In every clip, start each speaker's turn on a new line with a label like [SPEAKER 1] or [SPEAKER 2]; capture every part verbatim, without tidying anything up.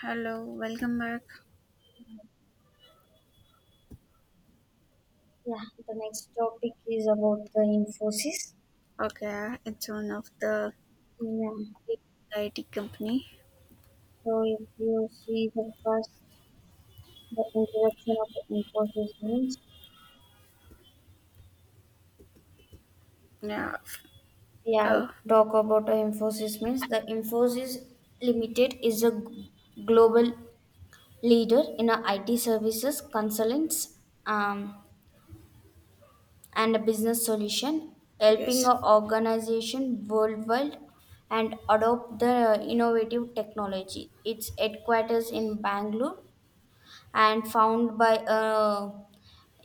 [SPEAKER 1] Hello, welcome back.
[SPEAKER 2] Yeah, the next topic is about the Infosys.
[SPEAKER 1] Okay, it's one of the
[SPEAKER 2] Yeah,
[SPEAKER 1] big I T company.
[SPEAKER 2] so if you see the first, the introduction of the Infosys means,
[SPEAKER 1] Yeah. f-
[SPEAKER 2] yeah,
[SPEAKER 1] Oh,
[SPEAKER 2] talk about the Infosys means the Infosys Limited is a g- global leader in a I T services, consultants, um, and a business solution, helping
[SPEAKER 1] yes,
[SPEAKER 2] a organization worldwide and adopt the innovative technology. Its headquarters in Bangalore and found by uh,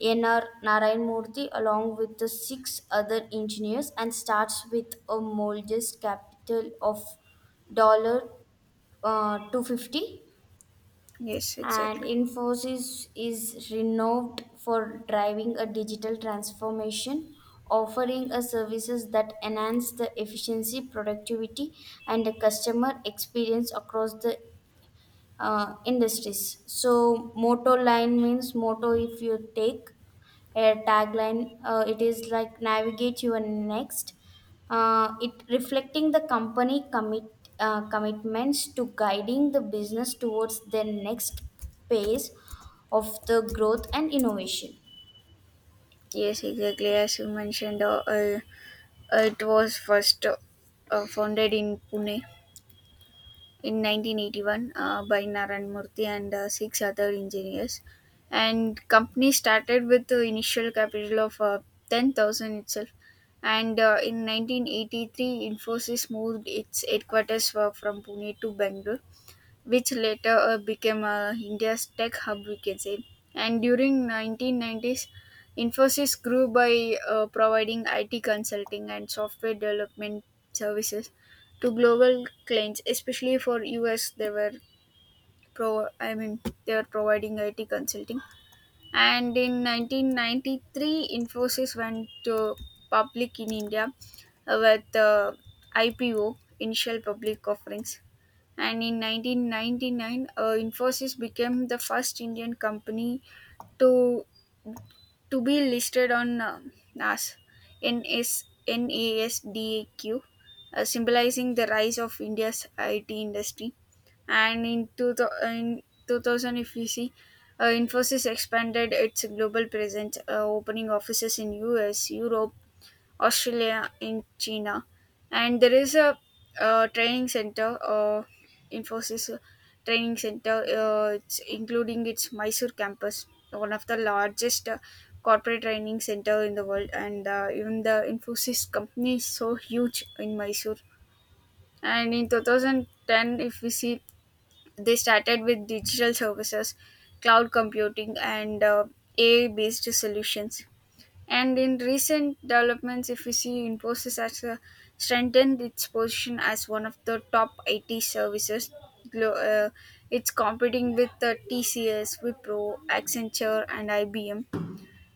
[SPEAKER 2] N R Narayan Murthy along with the six other engineers and starts with a modest capital of dollar uh, two hundred fifty.
[SPEAKER 1] yes,
[SPEAKER 2] And
[SPEAKER 1] exactly.
[SPEAKER 2] Infosys is renowned for driving a digital transformation, offering a services that enhance the efficiency, productivity, and the customer experience across the uh, industries. So motto line means motto if you take a tagline, uh, it is like navigate your next. Uh, it reflecting the company commit uh, commitments to guiding the business towards their next phase of the growth and innovation.
[SPEAKER 1] Yes, exactly. As you mentioned, uh, uh, it was first uh, uh, founded in Pune in nineteen eighty-one uh, by Naran Murthy and uh, six other engineers. And company started with the initial capital of uh, ten thousand itself. And uh, in nineteen eighty-three, Infosys moved its headquarters uh, from Pune to Bangalore, which later uh, became uh, India's tech hub, we can say. And during nineteen nineties, Infosys grew by uh, providing I T consulting and software development services to global clients, especially for U S. They were pro, I mean, they were providing I T consulting. And in nineteen ninety-three, Infosys went to public in India uh, with uh, I P O, initial public offerings, and in nineteen ninety-nine, uh, Infosys became the first Indian company to to be listed on uh, N A S, N S N A S D A Q, uh, symbolizing the rise of India's I T industry. And in, two, thou- in two thousand, if we see, uh, Infosys expanded its global presence, uh, opening offices in U S, Europe, Australia, in China, and there is a uh, training center, uh, Infosys training center. Uh, it's including its Mysore campus, one of the largest uh, corporate training center in the world, and uh, even the Infosys company is so huge in Mysore. And in two thousand ten, if we see, they started with digital services, cloud computing, and uh, A I based solutions. And in recent developments, if we see, Infosys has uh, strengthened its position as one of the top I T services. Glo- uh, it's competing with the T C S, Wipro, Accenture, and I B M.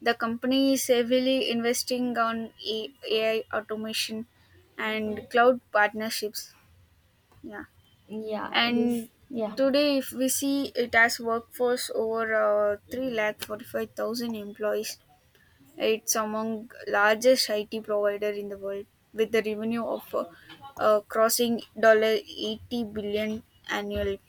[SPEAKER 1] The company is heavily investing on A- AI automation and cloud partnerships. Yeah,
[SPEAKER 2] Yeah,
[SPEAKER 1] and
[SPEAKER 2] if, yeah.
[SPEAKER 1] today, if we see, it has workforce over uh, three lakh forty-five thousand employees. It's among largest I T provider in the world with the revenue of uh, uh, crossing eighty billion dollars annually.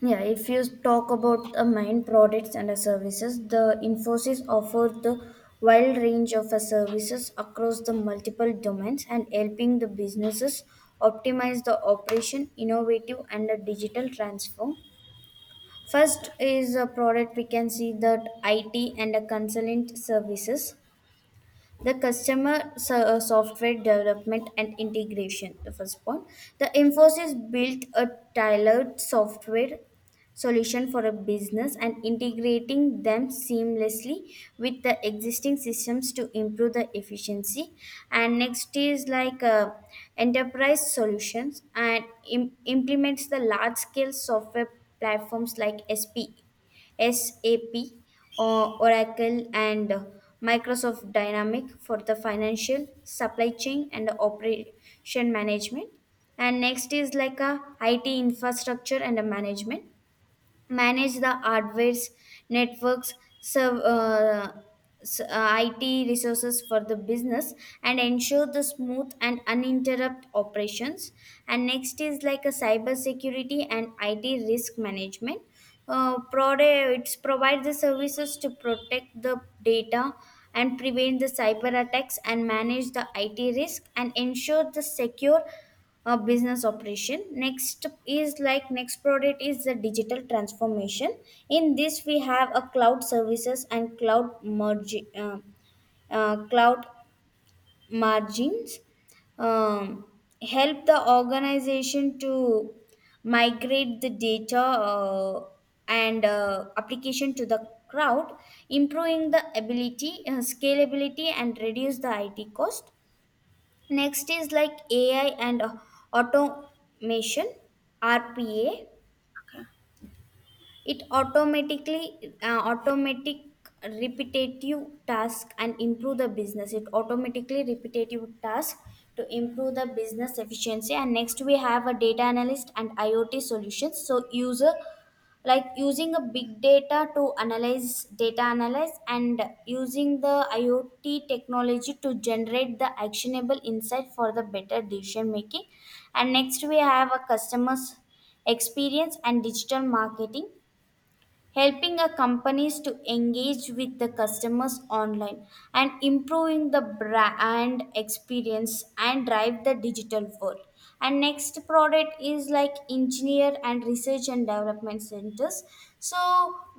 [SPEAKER 2] Yeah, if you talk about the main products and the services, the Infosys offers the wide range of uh, services across the multiple domains and helping the businesses optimize the operation, innovative and the digital transform.
[SPEAKER 1] Okay.
[SPEAKER 2] First is a product we can see that I T and the consultant services the customer so- uh, software development and integration. The first point, the infosys built a tailored software solution for a business and integrating them seamlessly with the existing systems to improve the efficiency. And next is like uh, enterprise solutions and im- implements the large scale software platforms like sp S A P, O- Oracle, and Microsoft Dynamic for the financial, supply chain, and operation management. And next is like a I T infrastructure and a management, manage the hardware's, networks, serve uh, s- uh, I T resources for the business and ensure the smooth and uninterrupted operations. And next is like a cyber security and I T risk management. Uh, prod- it provides the services to protect the data and prevent the cyber attacks and manage the I T risk and ensure the secure uh, business operation. Next is like, next product is the digital transformation. In this we have a cloud services and cloud merge uh, uh, cloud margins um, help the organization to migrate the data uh, and uh, application to the crowd, improving the ability, uh, scalability and reduce the it cost. Next is like A I and uh, automation, R P A. It automatically uh, automatic repetitive task and improve the business. It automatically repetitive task to improve the business efficiency. And next we have a data analyst and I o T solutions. So user like using a big data to analyze, data analyze, and using the I o T technology to generate the actionable insight for the better decision making. And next we have a customers experience and digital marketing, helping a companies to engage with the customers online and improving the brand experience and drive the digital world. And next product is like engineer and research and development centers. So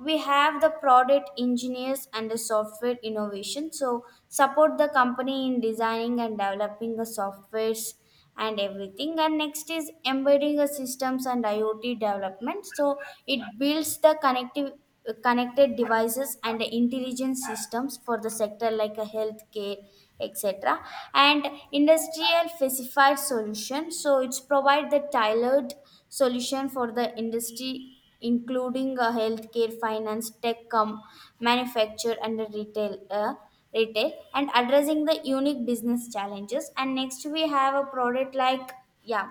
[SPEAKER 2] we have the product engineers and the software innovation, so support the company in designing and developing the softwares and everything. And next is embedding a systems and I o T development, so it builds the connective connected devices and intelligent systems for the sector like a healthcare, etc., and industrial specified solution, so it's provide the tailored solution for the industry, including a healthcare, finance tech com, manufacture, and the retail uh, retail, and addressing the unique business challenges. And next we have a product like, yeah,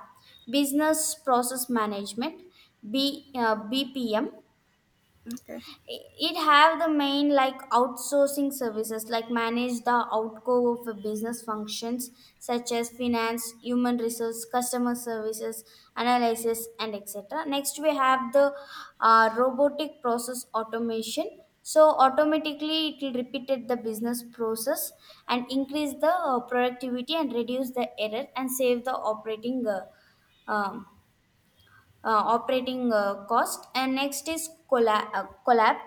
[SPEAKER 2] business process management, b uh, B P M.
[SPEAKER 1] Okay.
[SPEAKER 2] It have the main like outsourcing services like manage the outgo of a business functions such as finance, human resource, customer services, analysis, and etc. Next we have the uh, robotic process automation, so automatically it will repeated the business process and increase the uh, productivity and reduce the error and save the operating uh, um, uh, operating uh, cost. And next is collab, uh, collab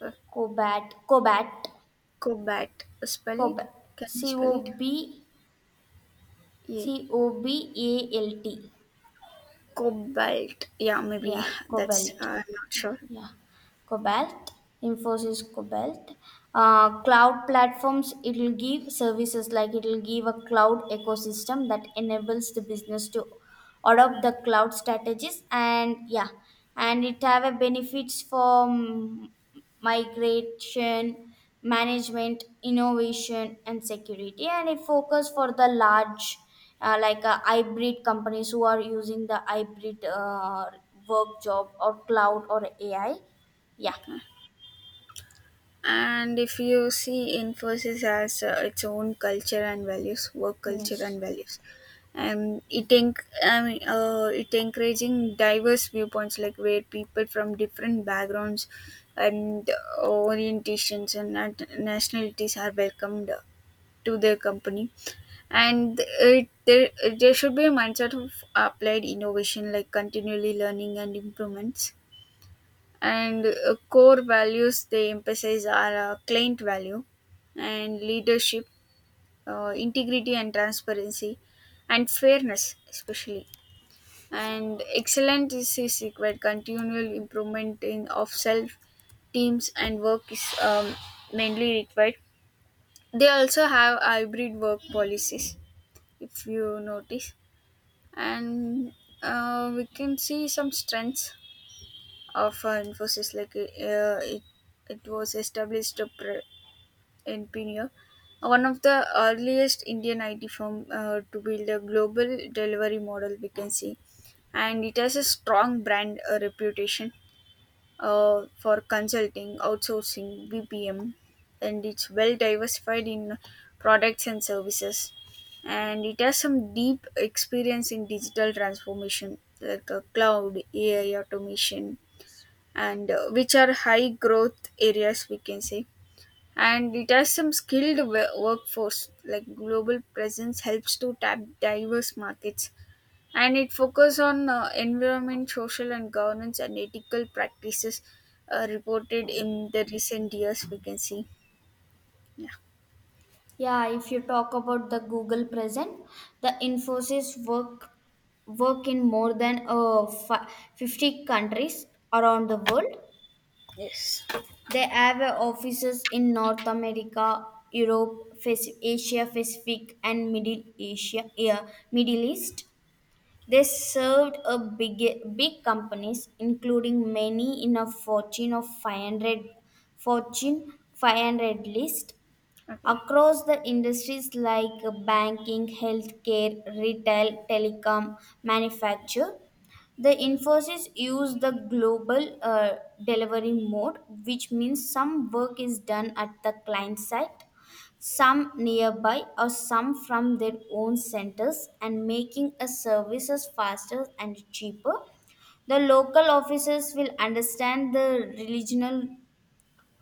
[SPEAKER 1] Okay.
[SPEAKER 2] Cobalt. Cobalt,
[SPEAKER 1] Cobalt. Spell it?
[SPEAKER 2] Cobalt,
[SPEAKER 1] Can you
[SPEAKER 2] C
[SPEAKER 1] spell
[SPEAKER 2] O
[SPEAKER 1] it?
[SPEAKER 2] B C
[SPEAKER 1] Yeah.
[SPEAKER 2] O B A L T.
[SPEAKER 1] Cobalt. Yeah, maybe
[SPEAKER 2] Yeah,
[SPEAKER 1] that's
[SPEAKER 2] Cobalt.
[SPEAKER 1] uh, I'm not sure.
[SPEAKER 2] Yeah. Cobalt, Infosys Cobalt. Uh, cloud platforms, it will give services like it will give a cloud ecosystem that enables the business to adopt the cloud strategies. And yeah, and it have a benefits for mm, migration, management, innovation and security, and it focus for the large uh, like uh, hybrid companies who are using the hybrid uh, work job or cloud or A I, yeah.
[SPEAKER 1] And if you see Infosys as uh, its own culture and values, work culture
[SPEAKER 2] Yes.
[SPEAKER 1] and values, and it enc- I mean, uh, it encouraging diverse viewpoints, like where people from different backgrounds and uh, orientations and nat- nationalities are welcomed to their company, and it, there there should be a mindset of applied innovation, like continually learning and improvements. And uh, core values they emphasize are uh, client value and leadership, uh, integrity and transparency, and fairness especially. And excellence is, is required, continual improvement in of self, teams, and work is um, mainly required. They also have hybrid work policies, if you notice. And uh, we can see some strengths of uh, Infosys. Like uh, it, it was established uh, pre- in Pune, one of the earliest Indian I T firm uh, to build a global delivery model, we can see. And it has a strong brand uh, reputation uh, for consulting, outsourcing, B P M, and it's well diversified in products and services. And it has some deep experience in digital transformation, like uh, cloud, A I, automation, and uh, which are high growth areas, we can say. And it has some skilled wo- workforce. Like, global presence helps to tap diverse markets, and it focus on uh, environment, social, and governance and ethical practices uh, reported in the recent years, we can see. Yeah.
[SPEAKER 2] Yeah, if you talk about the Google Present, the Infosys work work in more than uh, fi- fifty countries around the world.
[SPEAKER 1] Yes.
[SPEAKER 2] They have uh, offices in North America, Europe, Pac- Asia Pacific, and Middle Asia, yeah, Middle East. They served a big big companies, including many in a Fortune of five hundred Fortune five hundred list
[SPEAKER 1] Okay.
[SPEAKER 2] across the industries like banking, healthcare, retail, telecom, manufacture. The Infosys use the global uh, delivery mode, which means some work is done at the client site, some nearby, or some from their own centers, and making a services faster and cheaper. The local officers will understand the regional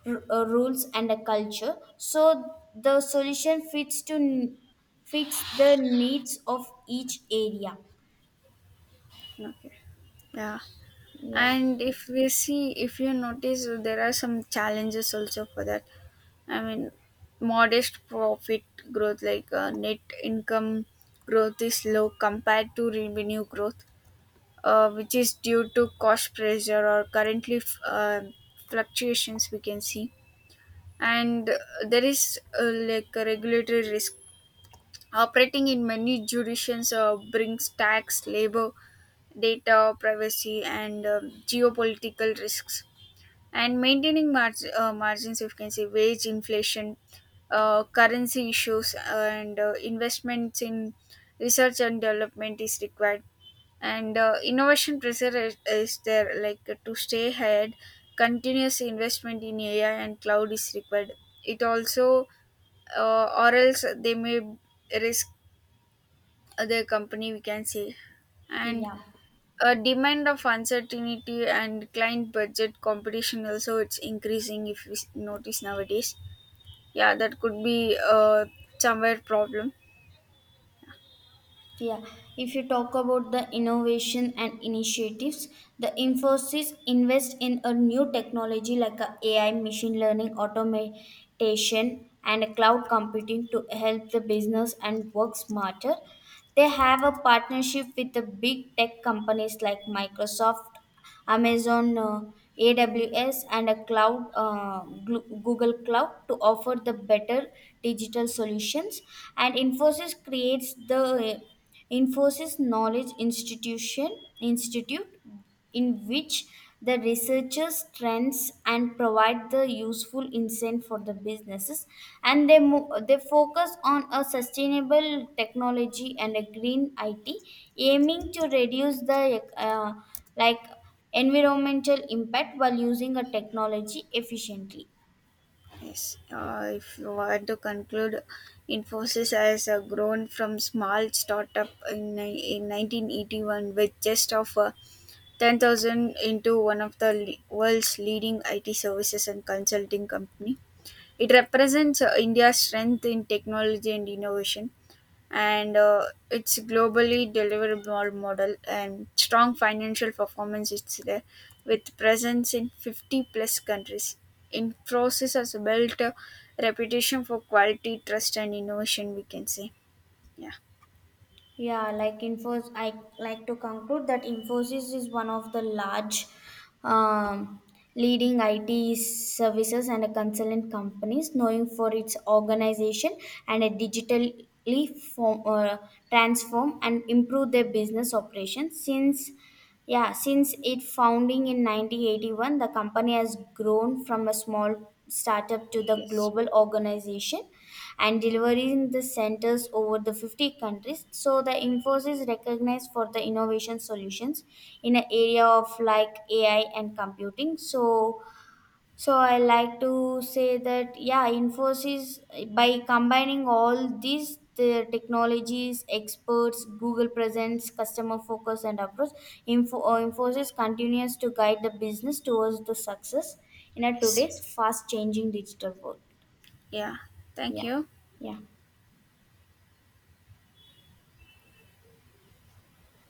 [SPEAKER 2] r- uh, rules and a culture, so the solution fits to n- fits the needs of each area.
[SPEAKER 1] Okay. Yeah.
[SPEAKER 2] Yeah.
[SPEAKER 1] And if we see, if you notice, there are some challenges also for that. I mean, modest profit growth, like uh, net income growth, is low compared to revenue growth, uh, which is due to cost pressure or currently f- uh, fluctuations, we can see. And uh, there is uh, like a regulatory risk. Operating in many jurisdictions uh, brings tax, labor, data privacy, and um geopolitical risks, and maintaining marg- uh, margins, if you can say, wage inflation, uh, currency issues, and uh, investments in research and development is required. And uh, innovation pressure is, is there, like, uh, to stay ahead continuous investment in A I and cloud is required. It also, uh, or else they may risk their company, we can say. And
[SPEAKER 2] Yeah,
[SPEAKER 1] a demand of uncertainty and client budget competition also, it's increasing if we s- notice nowadays. Yeah, that could be uh, somewhere problem.
[SPEAKER 2] yeah if you talk about the innovation and initiatives, the infosys invest in a new technology like a ai, machine learning, automation, and a cloud computing to help the business and work smarter. They have a partnership with the big tech companies like microsoft, Amazon, uh, A W S, and a cloud uh, Glu- Google Cloud to offer the better digital solutions. And Infosys creates the uh, Infosys Knowledge Institution Institute, in which the researchers trends and provide the useful insight for the businesses. And they mo- they focus on a sustainable technology and a green I T, aiming to reduce the uh, like environmental impact while using a technology efficiently.
[SPEAKER 1] Yes. Uh, if you want to conclude, Infosys has uh, grown from small startup in, ni- in nineteen eighty-one, with just of uh, ten thousand, into one of the le- world's leading I T services and consulting company. It represents uh, India's strength in technology and innovation, and uh, its globally deliverable model and strong financial performance, it's there, with presence in fifty plus countries. Infosys has built a reputation for quality, trust, and innovation, we can say. Yeah.
[SPEAKER 2] Yeah, like Infos, I like to conclude that Infosys is one of the large um, leading I T services and a consultant companies, knowing for its organization and a digitally form, uh, transform and improve their business operations since. Yeah, since its founding in nineteen eighty-one, the company has grown from a small startup to the
[SPEAKER 1] Yes.
[SPEAKER 2] global organization and delivering the centers over the fifty countries. So the Infosys is recognized for the innovation solutions in an area of like A I and computing. So so I like to say that, yeah, Infosys, by combining all these the technologies, experts, Google presence, customer focus, and approach, Info, uh, Infosys continues to guide the business towards the success in a
[SPEAKER 1] Yes.
[SPEAKER 2] today's fast-changing digital world.
[SPEAKER 1] Yeah. Thank
[SPEAKER 2] Yeah,
[SPEAKER 1] you.
[SPEAKER 2] yeah.